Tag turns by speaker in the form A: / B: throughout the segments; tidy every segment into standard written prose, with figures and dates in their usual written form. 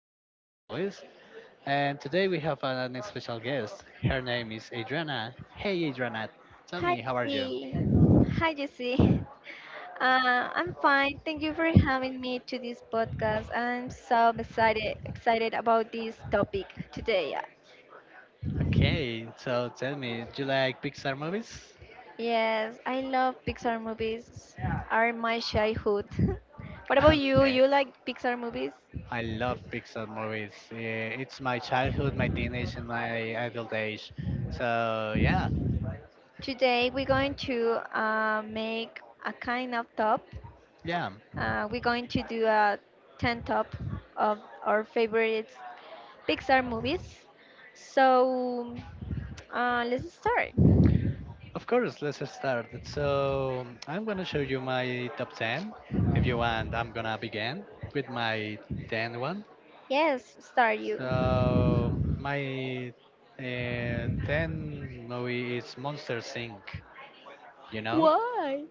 A: Jesse, as always, and today we have an special guest. Her name is Adriana. Hey, Adriana, tell
B: Hi,
A: me, how are you?
B: Jesse. Hi, Jesse. I'm fine. Thank you for having me to this podcast. I'm so excited about this topic today.
A: Okay, so tell me, do you like Pixar movies?
B: Yes, I love Pixar movies. Are my childhood. What about you?
A: Okay,
B: You like Pixar movies?
A: I love Pixar movies. Yeah, it's my childhood, my teenage, and my adult age. So, yeah,
B: Today we're going to make a kind of top.
A: yeah.
B: We're going to do a 10 top of our favorite Pixar movies. So let's start.
A: Of course, let's start. So I'm gonna show you my top 10. If you want, I'm gonna begin with my 10 one.
B: Yes, start you.
A: So my 10 movie is Monster Inc. You know,
B: Why?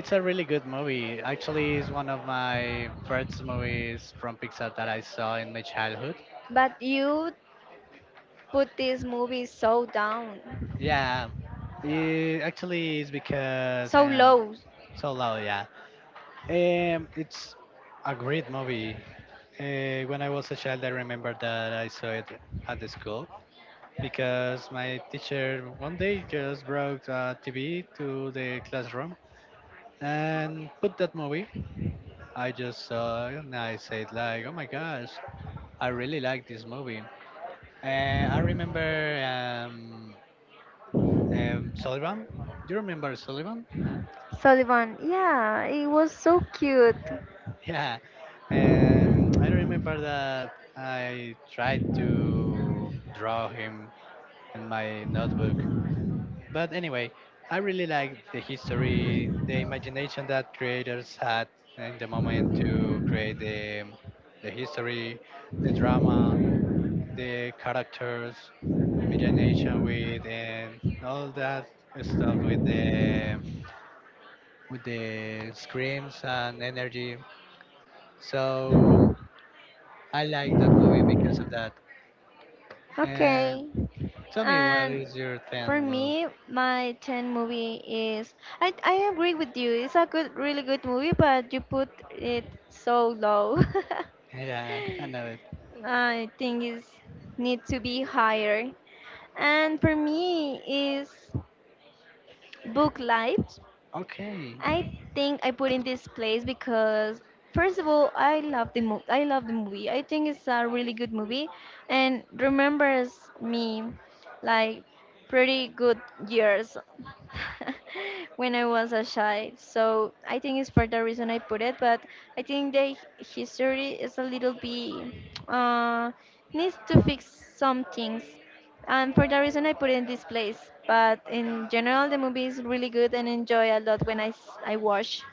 A: it's a really good movie. Actually, it's one of my first movies from Pixar that I saw in my childhood.
B: But you put this movie so down,
A: Yeah, it actually is because I
B: so
A: am
B: low.
A: so loud. Yeah, it's a great movie. When I was a child, I remember that I saw it at the school because my teacher one day just brought a TV to the classroom and put that movie. I just saw it and I said like, "Oh my gosh, I really like this movie." I remember um, Sullivan. Do you remember Sullivan?
B: Sullivan, yeah, it was so cute.
A: Yeah. I remember that I tried to draw him in my notebook. But anyway, I really like the history, the imagination that creators had in the moment to create the history, the drama, the characters, imagination with and all that stuff with the screams and energy. So I like that movie because of that.
B: Okay.
A: And tell me, what
B: And
A: is your
B: for
A: 10 move?
B: me, my 10 movie is. I agree with you. It's a good, really good movie, but you put it so low.
A: Yeah, I know it.
B: I think it's need to be higher. And for me is book life.
A: Okay,
B: I think I put in this place because first of all, I love the movie, I think it's a really good movie and remembers me like pretty good years. When I was a child, so I think it's for the reason I put it, but I think the history is a little bit uh needs to fix some things, and for that reason I put it in this place. But in general, the movie is really good and enjoy a lot when I watch.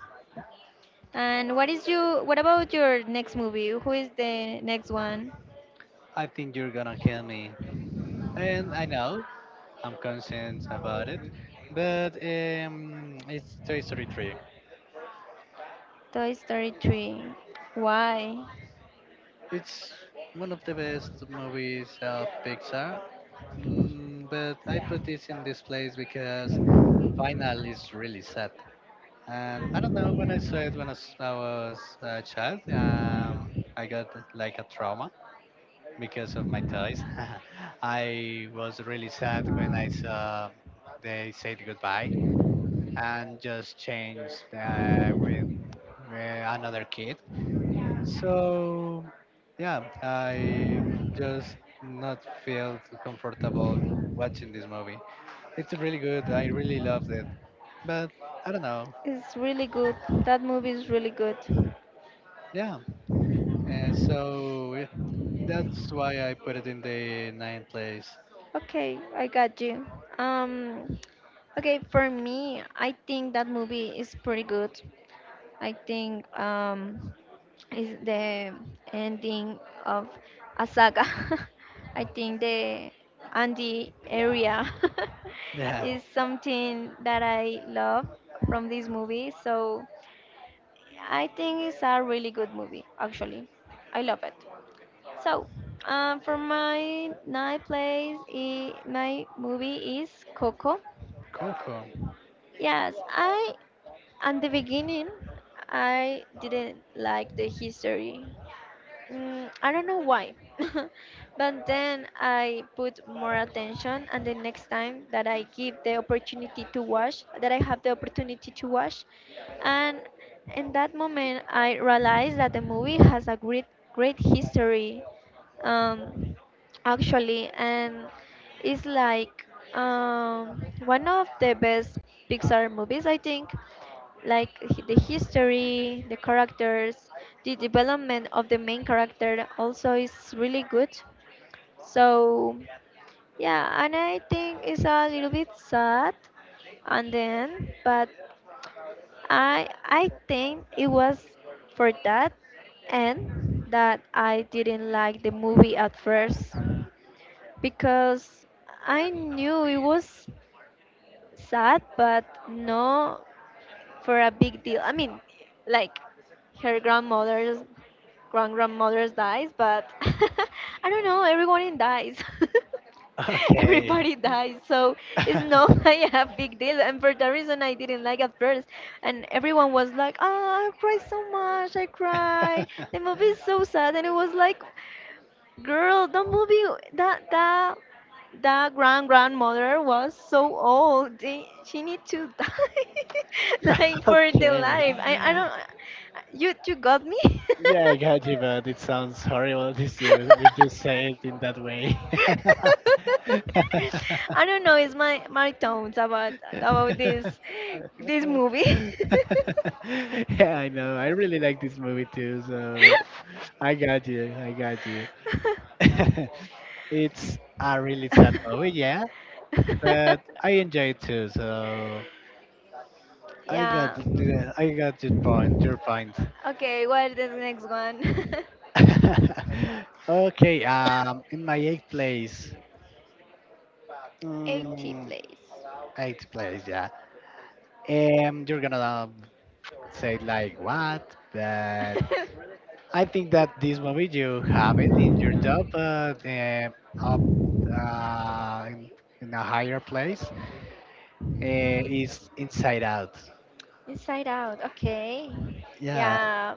B: And what is you? What about your next movie? Who is the next one?
A: I think you're gonna kill me. And I know I'm conscious about it, but it's Toy Story 3.
B: Toy Story 3. Why?
A: It's one of the best movies of Pixar, but I put this in this place because final is really sad. And I don't know when I saw it I was a child, I got like a trauma because of my toys. I was really sad when I saw they said goodbye and just changed with another kid. So yeah, I just not feel too comfortable watching this movie. It's really good. I really loved it, but I don't know.
B: It's really good. That movie is really good.
A: Yeah, and so yeah, that's why I put it in the ninth place.
B: Okay, I got you. Um, okay, for me, I think that movie is pretty good. I think is the ending of a saga. I think the Andy area
A: Yeah,
B: is something that I love from this movie. So I think it's a really good movie, actually. I love it. So, for my ninth place, I my movie is Coco.
A: Coco.
B: Yes, I at the beginning I didn't like the history. I don't know why. But then I put more attention, and the next time that I give the opportunity to wash, that I have the opportunity to wash, and in that moment I realized that the movie has a great, great history, um, actually, and it's like one of the best Pixar movies, I think, like the history, the characters, the development of the main character also is really good. So yeah, and I think it's a little bit sad, and then but I think it was for that, and that I didn't like the movie at first because I knew it was sad but no for a big deal. I mean, like, her grandmother's grand grandmother's dies, but I don't know, everyone in dies.
A: Okay.
B: Everybody dies, so it's not like a big deal. And for that reason, I didn't like at first. And everyone was like, "Ah, I cry so much, I cry. The movie is so sad." And it was like, girl, the movie that that that grand grandmother was so old. She need to die like for the
A: Okay.
B: life. I don't. You got me.
A: Yeah, I got you, but it sounds horrible this year if you say it in that way.
B: I don't know. It's my tones about this movie.
A: Yeah, I know. I really like this movie too, so I got you. I got you. It's a really sad movie, yeah, but I enjoy it too, so I
B: Yeah.
A: got it. Yeah, I got your point. Your point.
B: Okay, what is the next one?
A: Okay, in my eighth place.
B: 80
A: Mm,
B: place.
A: eighth place, yeah. You're gonna say like what? But I think that this movie you have it in your top, up uh, in, in a higher place. Is Inside Out.
B: Inside Out, okay.
A: Yeah,
B: Yeah,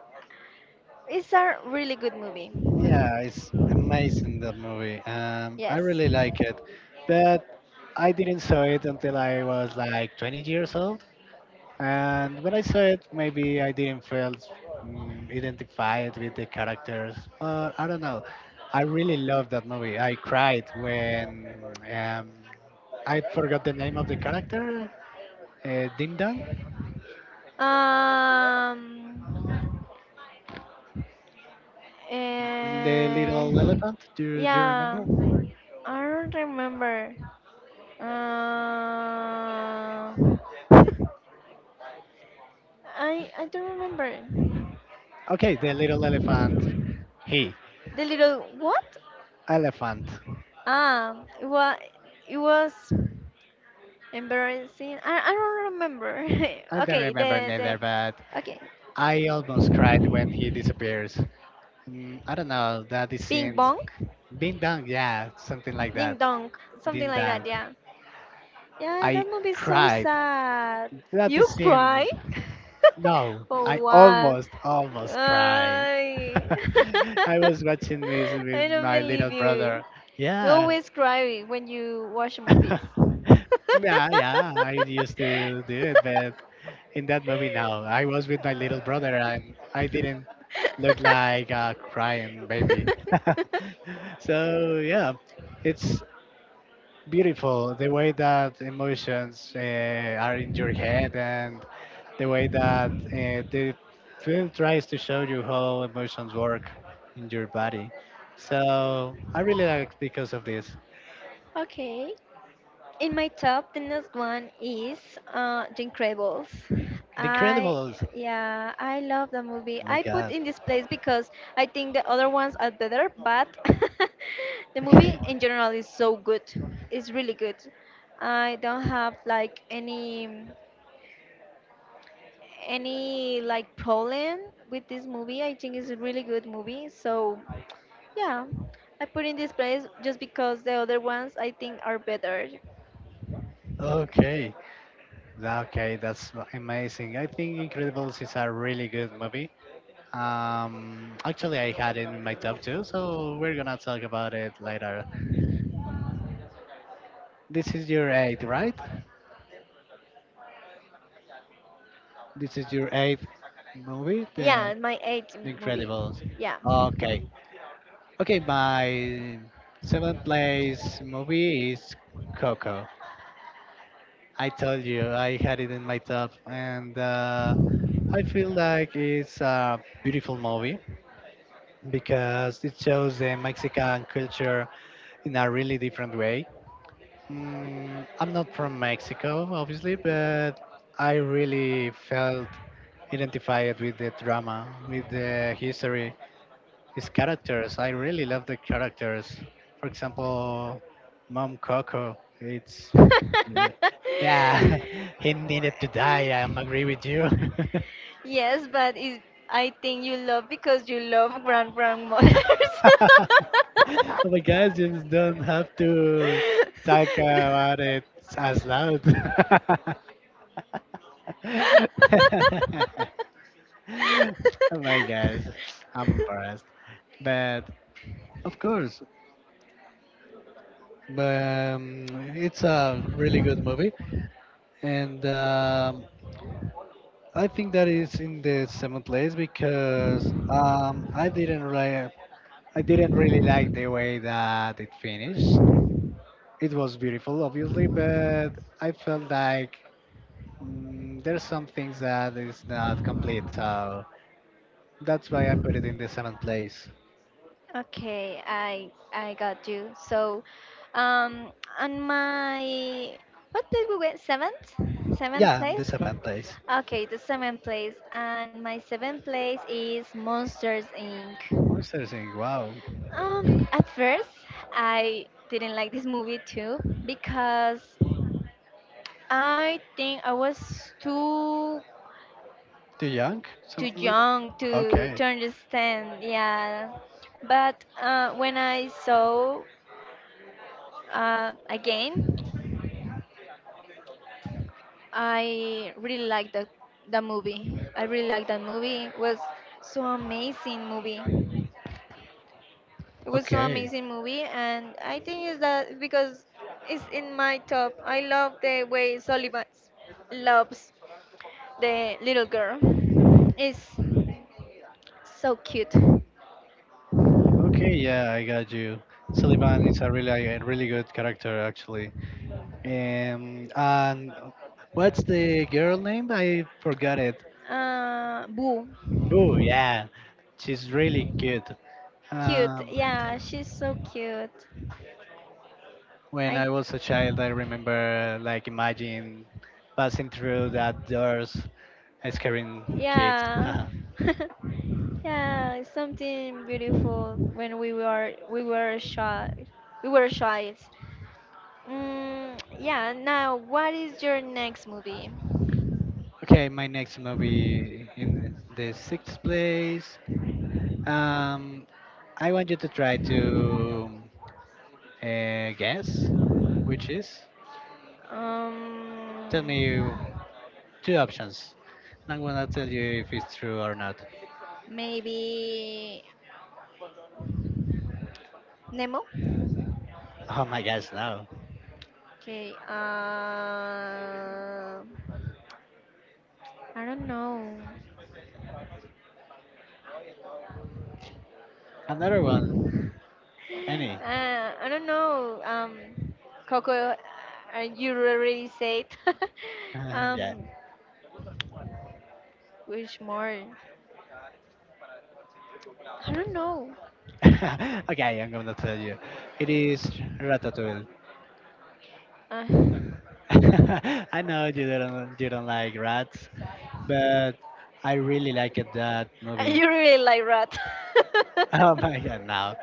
B: it's a really good movie.
A: yeah, it's amazing that movie. I
B: Yes.
A: really like it, but I didn't saw it until I was like 20 years old. And when I saw it, maybe I didn't feel identified with the characters, but I don't know. I really loved that movie. I cried when um, I forgot the name of the character, Ding Dong,
B: Um.
A: the
B: eh,
A: little elephant. Do you
B: yeah,
A: remember?
B: I don't remember. Uh, I don't remember.
A: Okay, the little elephant. He,
B: The little what?
A: elephant.
B: Ah, it was it was embarrassing. I don't remember.
A: I don't
B: okay,
A: remember
B: the
A: neither, but
B: okay,
A: I almost cried when he disappears. I don't know that is
B: Bing
A: scenes.
B: Bong,
A: Ding Dong, yeah, something like
B: Ding
A: that.
B: Dong, something
A: Ding
B: like
A: Dang.
B: that. Yeah, yeah.
A: I
B: That movie is so
A: cried.
B: sad.
A: That
B: You
A: is in.
B: cry?
A: No,
B: Oh
A: I
B: what?
A: almost, almost cried.
B: Ay.
A: I was watching this
B: I
A: with
B: don't
A: my
B: believe
A: little brother.
B: you. You
A: Yeah.
B: always cry when you watch movies.
A: Yeah, I used to do it, but in that movie, no. I was with my little brother and I didn't look like a crying baby. So, yeah, it's beautiful the way that emotions are in your head and the way that the film tries to show you how emotions work in your body, so I really like because of this
B: Okay. In my top, the next one is The Incredibles.
A: the
B: I
A: incredibles.
B: Yeah, I love the movie.
A: Oh my
B: I put
A: god.
B: in this place because I think the other ones are better, but the movie
A: Okay.
B: in general is so good. It's really good. I don't have like any like problem with this movie. I think it's a really good movie. So yeah, I put in this place just because the other ones I think are better.
A: Okay. Amazing, I think incredibles is a really good movie. Actually, I had it in my top two, so we're gonna talk about it later. This is your eight, right? This is your eighth movie,
B: Yeah, and my eighth
A: The
B: movie.
A: Incredibles.
B: Yeah.
A: Okay. Okay, my seventh place movie is Coco. I told you I had it in my top, and I feel like it's a beautiful movie because it shows the Mexican culture in a really different way. I'm not from Mexico, obviously, but I really felt identified with the drama, with the history, his characters. I really love the characters. For example, Mom Coco. It's yeah, he needed to die. I am agree with you.
B: Yes, but I think you love because you love grand grandmothers.
A: Oh my gosh, you just don't have to talk about it as loud. Oh my gosh, I'm embarrassed. But of course, um, it's a really good movie, and. I think that is in the seventh place because I didn't really like the way that it finished. It was beautiful, obviously, but I felt like there's some things that is not complete. So that's why I put it in the seventh place.
B: Okay, I got you. So, um, on my what place we went? Seventh
A: Yeah,
B: place.
A: the seventh place.
B: Okay, the seventh place, and my seventh place is Monsters Inc.
A: I'm starting saying, wow,
B: At first, I didn't like this movie too because I think I was
A: too young,
B: too
A: something like
B: young
A: that. Okay,
B: to understand. Yeah, but when I saw, again, I really like the movie. I really like that movie. So amazing movie. It was so
A: okay.
B: amazing movie, and I think is that because it's in my top. I love the way Sullivan loves the little girl. It's so cute.
A: Okay, yeah, I got you. Sullivan is a really good character actually. And what's the girl name? I forgot it.
B: Boo,
A: Boo, yeah. She's really good.
B: cute.
A: Um,
B: Yeah, she's so cute.
A: when
B: I,
A: I was a child, I remember like imagine passing through that doors, scaring kids.
B: yeah. Yeah, it's something beautiful when we were shy. We were shy. Yeah, now what is your next movie?
A: Okay, my next movie in the sixth place. Um, I want you to try to guess which is. Tell me
B: Um,
A: two options. I'm gonna tell you if it's true or not.
B: maybe Nemo?
A: Oh my gosh, no.
B: Okay, I don't know.
A: Another one, any.
B: I don't know. Coco, you already said.
A: Yeah.
B: um, which more? I don't know.
A: Okay, I'm gonna tell you. It is Ratatouille.
B: Uh,
A: I know you don't like rats, but I really liked that movie.
B: You really like rat.
A: Oh my god, no.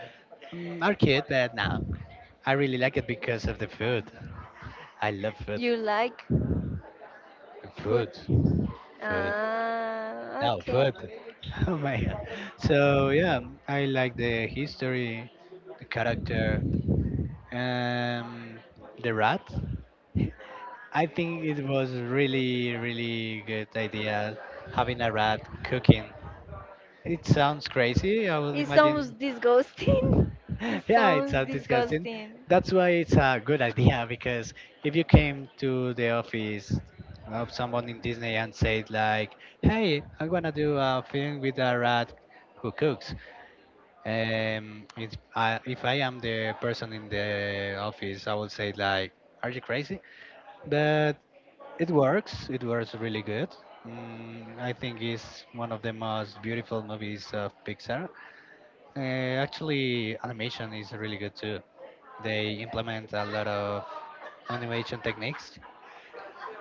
A: Our kid, but no. I really like it because of the food. I love food.
B: You like food.
A: Food. Food. Oh,
B: Okay.
A: food. Oh my god. So yeah, I like the history, the character, um, the rat. I think it was really good idea having a rat cooking. It sounds crazy, I will
B: It sounds
A: imagine.
B: disgusting. It
A: Yeah, it
B: sounds
A: sounds disgusting.
B: disgusting.
A: That's why it's a good idea because if you came to the office of someone in Disney and said like, "Hey, I'm gonna do a film with a rat who cooks." If I am the person in the office, I would say like, "Are you crazy?" But it works. It works really good. I think it's one of the most beautiful movies of Pixar. Actually, animation is really good too. They implement a lot of animation techniques,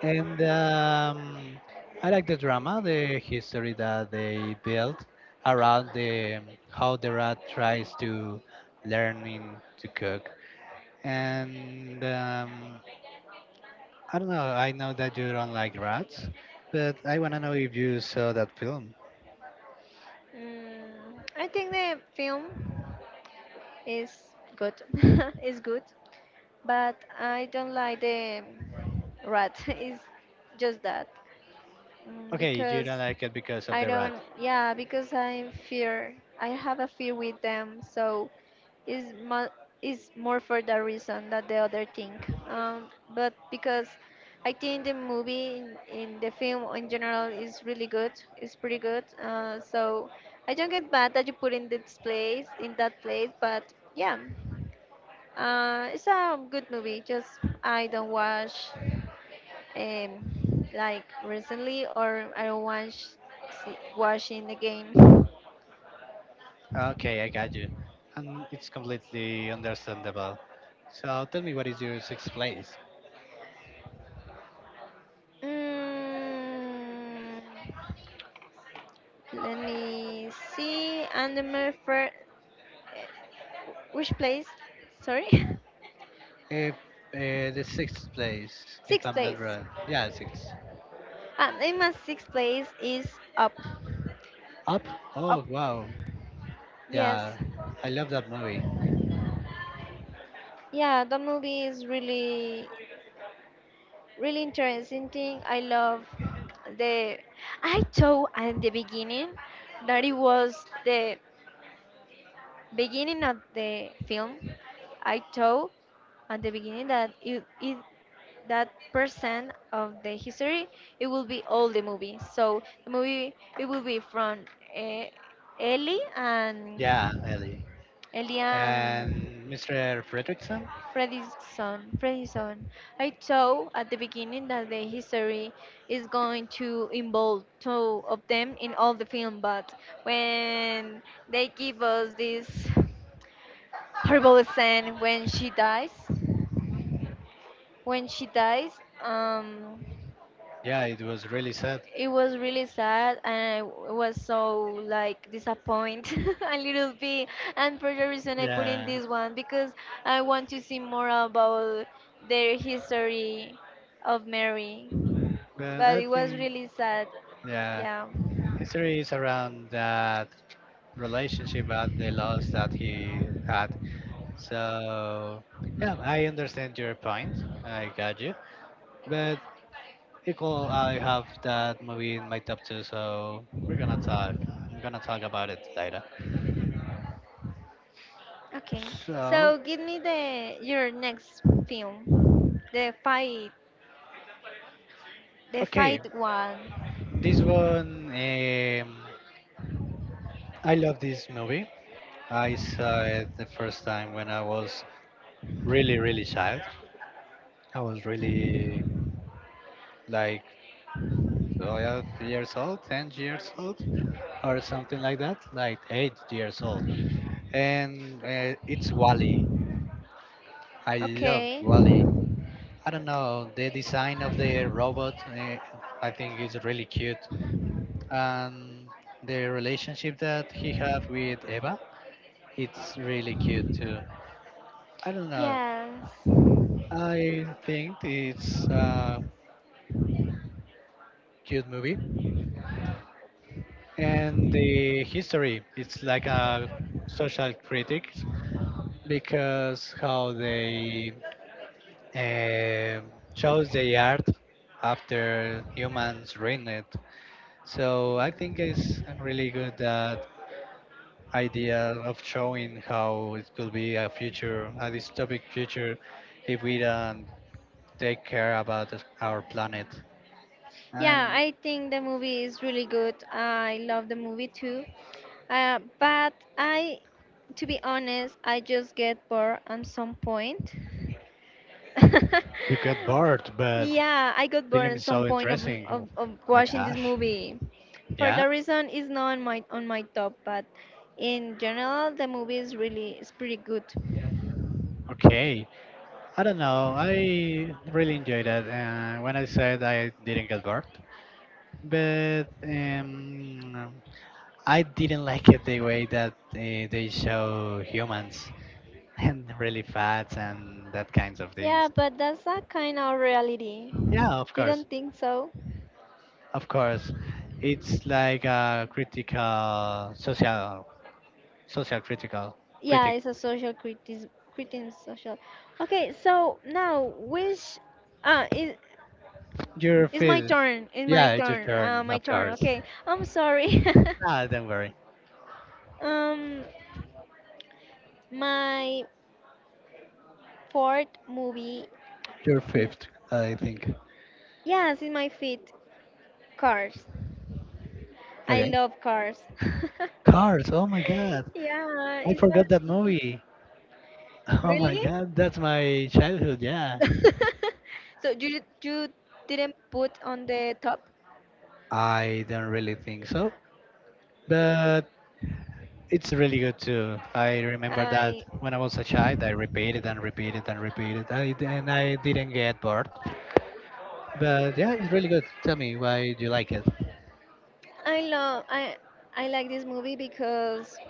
A: and I like the drama, the history that they built around the how the rat tries to learning to cook. And I don't know. I know that you don't like rats, but I wanna know if you saw that film.
B: I think the film is good. It's good, but I don't like the rat. It's just that
A: Okay, you don't
B: because
A: like it because of
B: I
A: the rat.
B: don't, yeah, because I'm fear. I have a fear with them, so is mo- is more for that reason than the other thing. But because I think the movie in the film in general is really good. It's pretty good. So I don't get bad that you put in this place in that place, but yeah. It's a good movie. Just I don't watch like recently, or I don't watching the game.
A: Okay, I got you, and it's completely understandable. So tell me, what is your sixth place?
B: Mm, let me see. And the first, which place? Sorry,
A: If the sixth place, if
B: sixth
A: I'm not
B: place.
A: wrong. Yeah, sixth.
B: In my sixth place is Up.
A: Up? Oh,
B: Up.
A: wow.
B: Yes.
A: Yeah, I love that movie.
B: Yeah, the movie is really really interesting thing. I love the. I thought at the beginning that it was the beginning of the film. I thought at the beginning that it that percent of the history, it will be all the movie. So the movie it will be from uh, Ellie and
A: Yeah, Ellie.
B: Ellie and
A: And Mr. Fredrickson?
B: Freddy's son. I thought at the beginning that the history is going to involve two of them in all the film, but when they give us this horrible scene when she dies, when she dies, um,
A: Yeah, it was really sad.
B: it was really sad, and was so like disappointed a little bit. And for the reason I put in
A: Yeah,
B: this one because I want to see more about their history of Mary.
A: but
B: But
A: I
B: it was
A: think,
B: really sad.
A: yeah,
B: Yeah.
A: History is around that relationship and the loss that he had. So, yeah, I understand your point. I got you. But Equal, I have that movie in my top two, so we're gonna talk. I'm gonna talk about it later.
B: Okay.
A: So,
B: So give me the your next film, the
A: okay,
B: fight one.
A: this one, I love this movie. I saw it the first time when I was really child. I was really like 12 years old, 10 years old, or something like that, like 8 years old. And it's Wally. I loved
B: Okay.
A: Wally. I don't know. The design of the robot, I think, is really cute, and the relationship that he have with Eva, it's really cute too. I don't know.
B: Yes.
A: I think it's a cute movie, and the history, it's like a social critic because how they um chose the art after humans ruined it. So I think it's really good that idea of showing how it could be a future, a dystopic future, if we don't take care about our planet.
B: Yeah,
A: And
B: I think the movie is really good. I love the movie too. But to be honest, I just get bored at some point.
A: you get bored, but
B: Yeah, I got bored
A: film
B: at
A: is
B: some
A: so
B: point of, the,
A: interesting.
B: of
A: My
B: watching this
A: gosh.
B: movie. For
A: Yeah.
B: that reason, it's not on my top. But in general, the movie is pretty good.
A: Okay. I don't know. I really enjoyed it. When I said I didn't get bored, but I didn't like it the way that they show humans and really fat and that kinds of
B: Yeah,
A: things.
B: but that's a kind of reality.
A: Yeah, of
B: You
A: course,
B: don't think so?
A: of course. It's like a critical social, social
B: Yeah,
A: critic.
B: it's a social criticism, criticism social. Okay, so now which uh is
A: Your
B: is my
A: fifth.
B: turn. It's my
A: Yeah, it's your
B: turn.
A: turn,
B: My
A: of
B: turn.
A: course.
B: Okay. I'm sorry.
A: Ah, don't worry.
B: um my fourth movie.
A: Your
B: n-
A: fifth, I think.
B: Yes, it's my fifth. Cars. I
A: Okay.
B: love Cars.
A: Cars. Oh my God,
B: Yeah,
A: I
B: it's
A: forgot that
B: already
A: movie. Oh my
B: really.
A: God, that's my childhood. Yeah.
B: So you didn't put on the top?
A: I don't really think so, but it's really good too. I remember
B: I
A: that when I was a child, I repeated and repeated and repeated, and I didn't get bored. But yeah, it's really good. Tell me why you like it.
B: I love I I like this movie because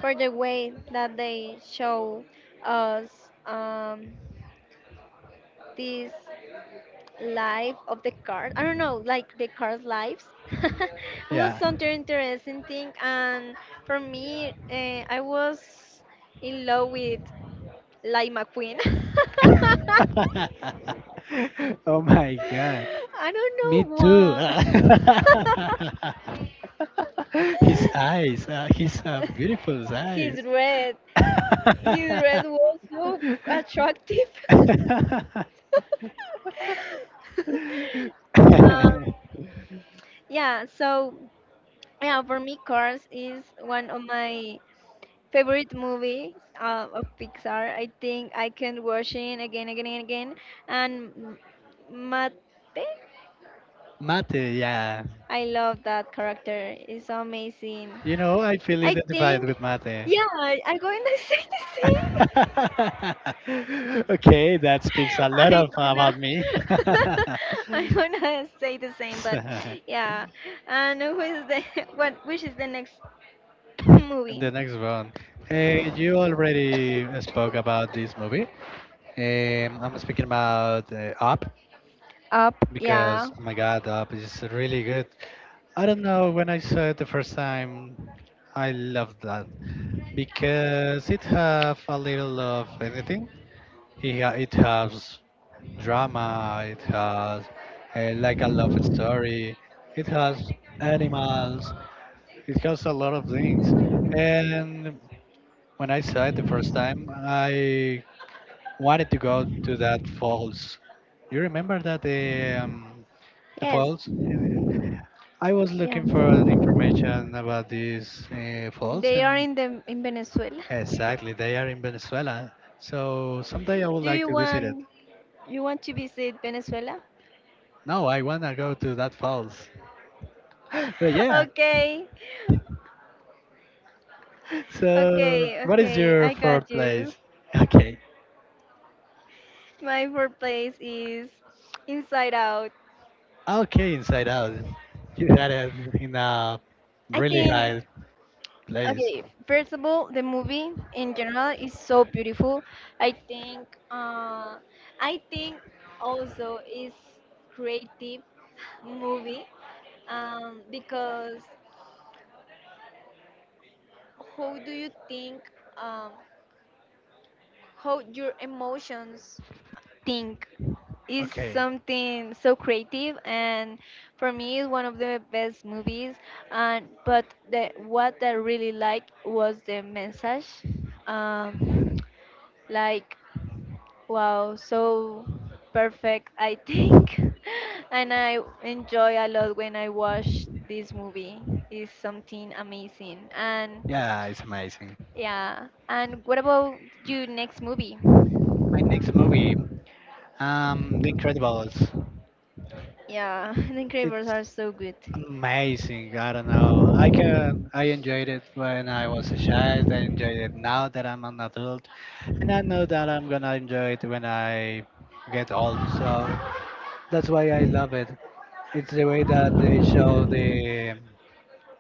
B: for the way that they show us this life of the card. I don't know, like the cars' lives. It was
A: Yeah.
B: something interesting thing, and for me, I was in love with Light McQueen.
A: Oh my God.
B: I
A: Me
B: don't know
A: too.
B: why.
A: His eyes, his beautiful
B: He's
A: eyes.
B: red. His red was so attractive. Um, yeah, so yeah, for me, Cars is one of my favorite movies of Pixar. I think I can watch it again, again, and again. And Mate,
A: Mate, yeah.
B: I love that character. It's amazing.
A: You know, I feel
B: I
A: identified
B: think,
A: with mate.
B: yeah, I'm going to say the same.
A: Okay, that speaks a lot
B: I'm
A: of,
B: gonna
A: about me.
B: I'm gonna say the same, but
A: The
B: yeah. And who is the what? Which is the next movie?
A: next one. Eh, you already spoke about this movie. I'm speaking about Up
B: Up. Yeah.
A: because, oh my God, Up is really good. I don't know, when I saw it the first time, I loved that because it have a little of anything. Yeah, it has drama, it has like a love story, it has animals, it has a lot of things. And when I saw it the first time, I wanted to go to that falls. You remember that the
B: Yes.
A: falls? I was
B: Yeah.
A: looking for the information about these falls,
B: They are
A: and
B: in the in Venezuela.
A: exactly they are in Venezuela. So someday I would
B: Do
A: like to visit it.
B: you want to visit Venezuela?
A: No, I wanna go to that falls. But yeah.
B: Okay.
A: So,
B: Okay.
A: what is
B: Okay.
A: your
B: I
A: fourth
B: got you.
A: place? Okay.
B: My fourth place is Inside Out.
A: Okay, Inside Out. You had it in a
B: I
A: really
B: think.
A: high place.
B: Okay, first of all, the movie in general is so beautiful. I think uh, I think also is creative movie because how do you think um, how your emotions think is
A: Okay.
B: something so creative, and for me is one of the best movies, and but the what I really liked was the message. Um, Like, wow, so perfect, I think. And I enjoy a lot when I watch this movie. It's something amazing. And
A: Yeah, it's amazing.
B: yeah, and what about your next movie?
A: My next movie, The Incredibles.
B: Yeah, The Incredibles
A: It's
B: are so good.
A: amazing. I don't know. I can. I enjoyed it when I was a child. I enjoyed it now that I'm an adult, and I know that I'm gonna enjoy it when I get old. So that's why I love it. It's the way that they show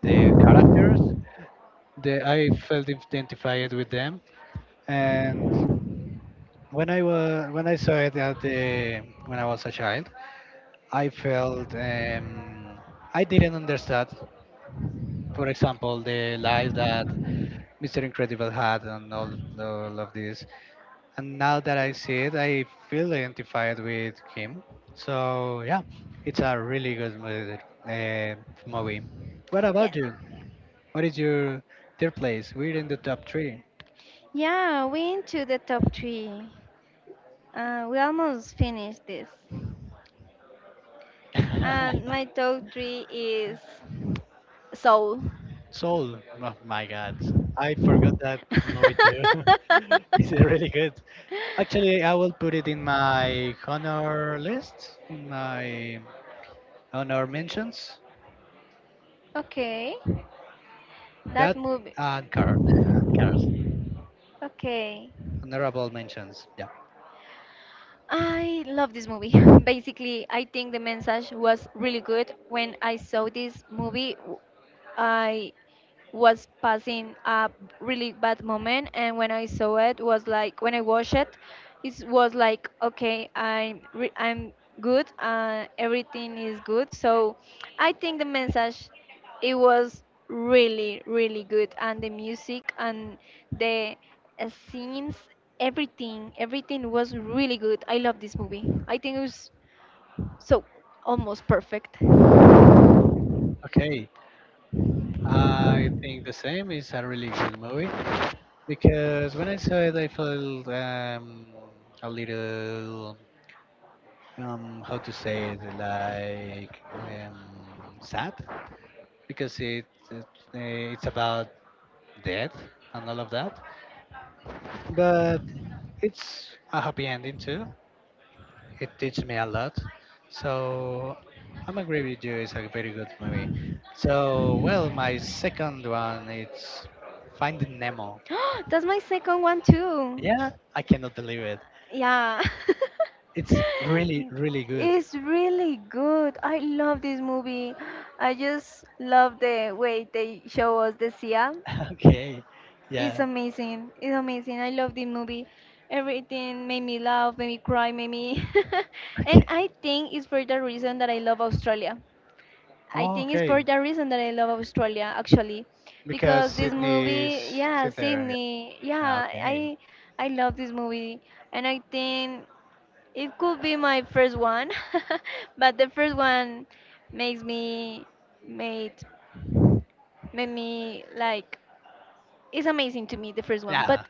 A: the characters. The I felt identified with them, and when I saw it at the when I was a child, I felt I didn't understand for example, the life that Mr. Incredible hat and all of this. And now that I see it, I feel identified with him. So yeah, it's a really good movie. Uh, movie. What
B: Yeah.
A: about you? What is your third place? We're in the top three.
B: Yeah, we into the top three. We almost finished this. And my top three is Soul.
A: Soul. Oh my God, I forgot that movie too. It's really good. Actually, I will put it in my honor list, in my honor mentions.
B: Okay. That
A: That
B: movie.
A: and carrot, carrots.
B: Okay.
A: Honorable mentions. Yeah.
B: I love this movie. Basically, I think the message was really good. When I saw this movie, I was passing a really bad moment, and when I watched it was like, okay, I'm good, everything is good. So I think the message, it was really really good, and the music and the scenes, everything everything was really good. I love this movie. I think it was so almost perfect.
A: Okay. I think the same is a really good movie because when I saw it, I felt a little, how to say it, like sad because it it's about death and all of that, but it's a happy ending too. It teach me a lot. So I'm agree with you. It's a very good movie. So well, my second one is Finding Nemo.
B: That's my second one too.
A: Yeah, I cannot believe it.
B: Yeah.
A: It's really really good.
B: It's really good. I love this movie. I just love the way they show us the Sia.
A: Okay,
B: It's
A: yeah.
B: amazing. It's amazing. I love this movie. Everything made me laugh, made me cry, made me. And
A: Okay.
B: I think it's for the reason that I love Australia. I
A: Oh,
B: think it's for
A: okay.
B: the reason that I love Australia actually,
A: Because
B: because this
A: Sydney is
B: movie, yeah,
A: sit there.
B: Sydney,
A: Yeah,
B: yeah,
A: okay.
B: I love this movie, and I think it could be my first one, but the first one makes me made made me like, it's amazing to me the first one.
A: Yeah,
B: But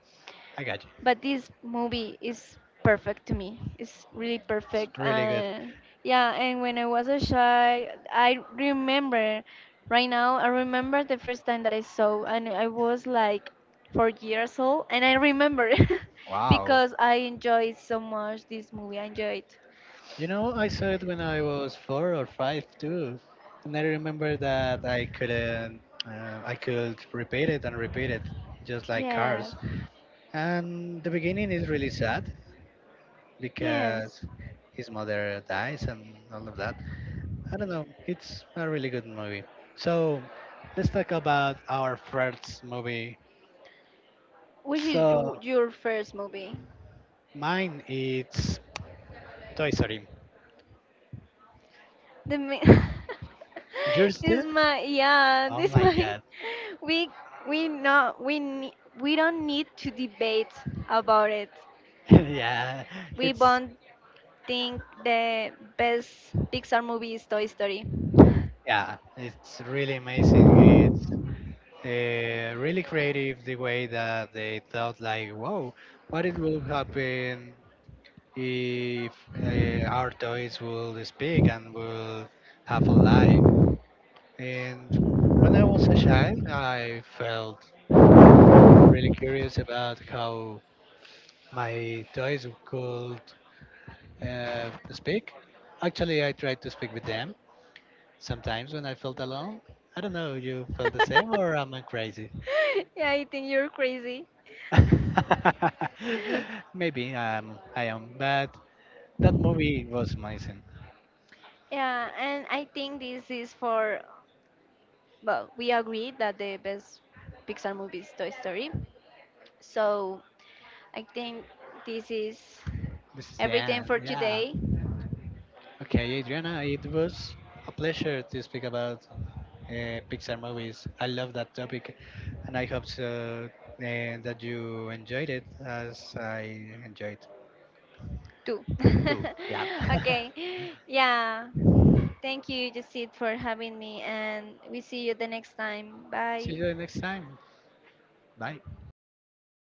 A: I got you.
B: this movie is perfect to me. It's really
A: It's
B: perfect.
A: really good.
B: And yeah, and when I was a child, I remember right now. I remember the first time that I saw, and I was like 4 years old, and I remember
A: Wow.
B: because I enjoyed so much this movie. I enjoyed.
A: You know, I saw it when I was four or five too, and I remember that I couldn't, I could repeat it and repeat it, just like
B: Yes,
A: Cars. And the beginning is really sad
B: yes.
A: because his mother dies and all of that. I don't know, it's a really good movie. So let's talk about our first movie.
B: Which is
A: So
B: your first movie?
A: mine it's Toy Story.
B: The mi-
A: Yours too?
B: this my yeah
A: Oh
B: this
A: my
B: my
A: God.
B: we we not we don't need to debate about it.
A: Yeah,
B: We
A: it's
B: both think the best Pixar movie is Toy Story.
A: yeah. It's really amazing. It's really creative the way that they thought, like, wow, what it will happen if our toys will speak and will have a life. And when I was a child, I felt really curious about how my toys could speak. Actually, I tried to speak with them sometimes when I felt alone. I don't know, you felt the same or am I crazy?
B: Yeah, I think you're crazy.
A: Maybe I am, but that movie was amazing.
B: Yeah, and I think this is for, well, we agree that the best Pixar movie is Toy Story. So I think this is
A: This is the
B: everything
A: end.
B: for
A: Yeah.
B: today.
A: Okay, Adriana, it was a pleasure to speak about Pixar movies. I love that topic, and I hope so, that you enjoyed it as I enjoyed
B: Two.
A: too. Yeah.
B: Okay. Yeah. Thank you, Jacid, for having me, and we see you the next time.
A: See
B: Bye.
A: you next time. Bye.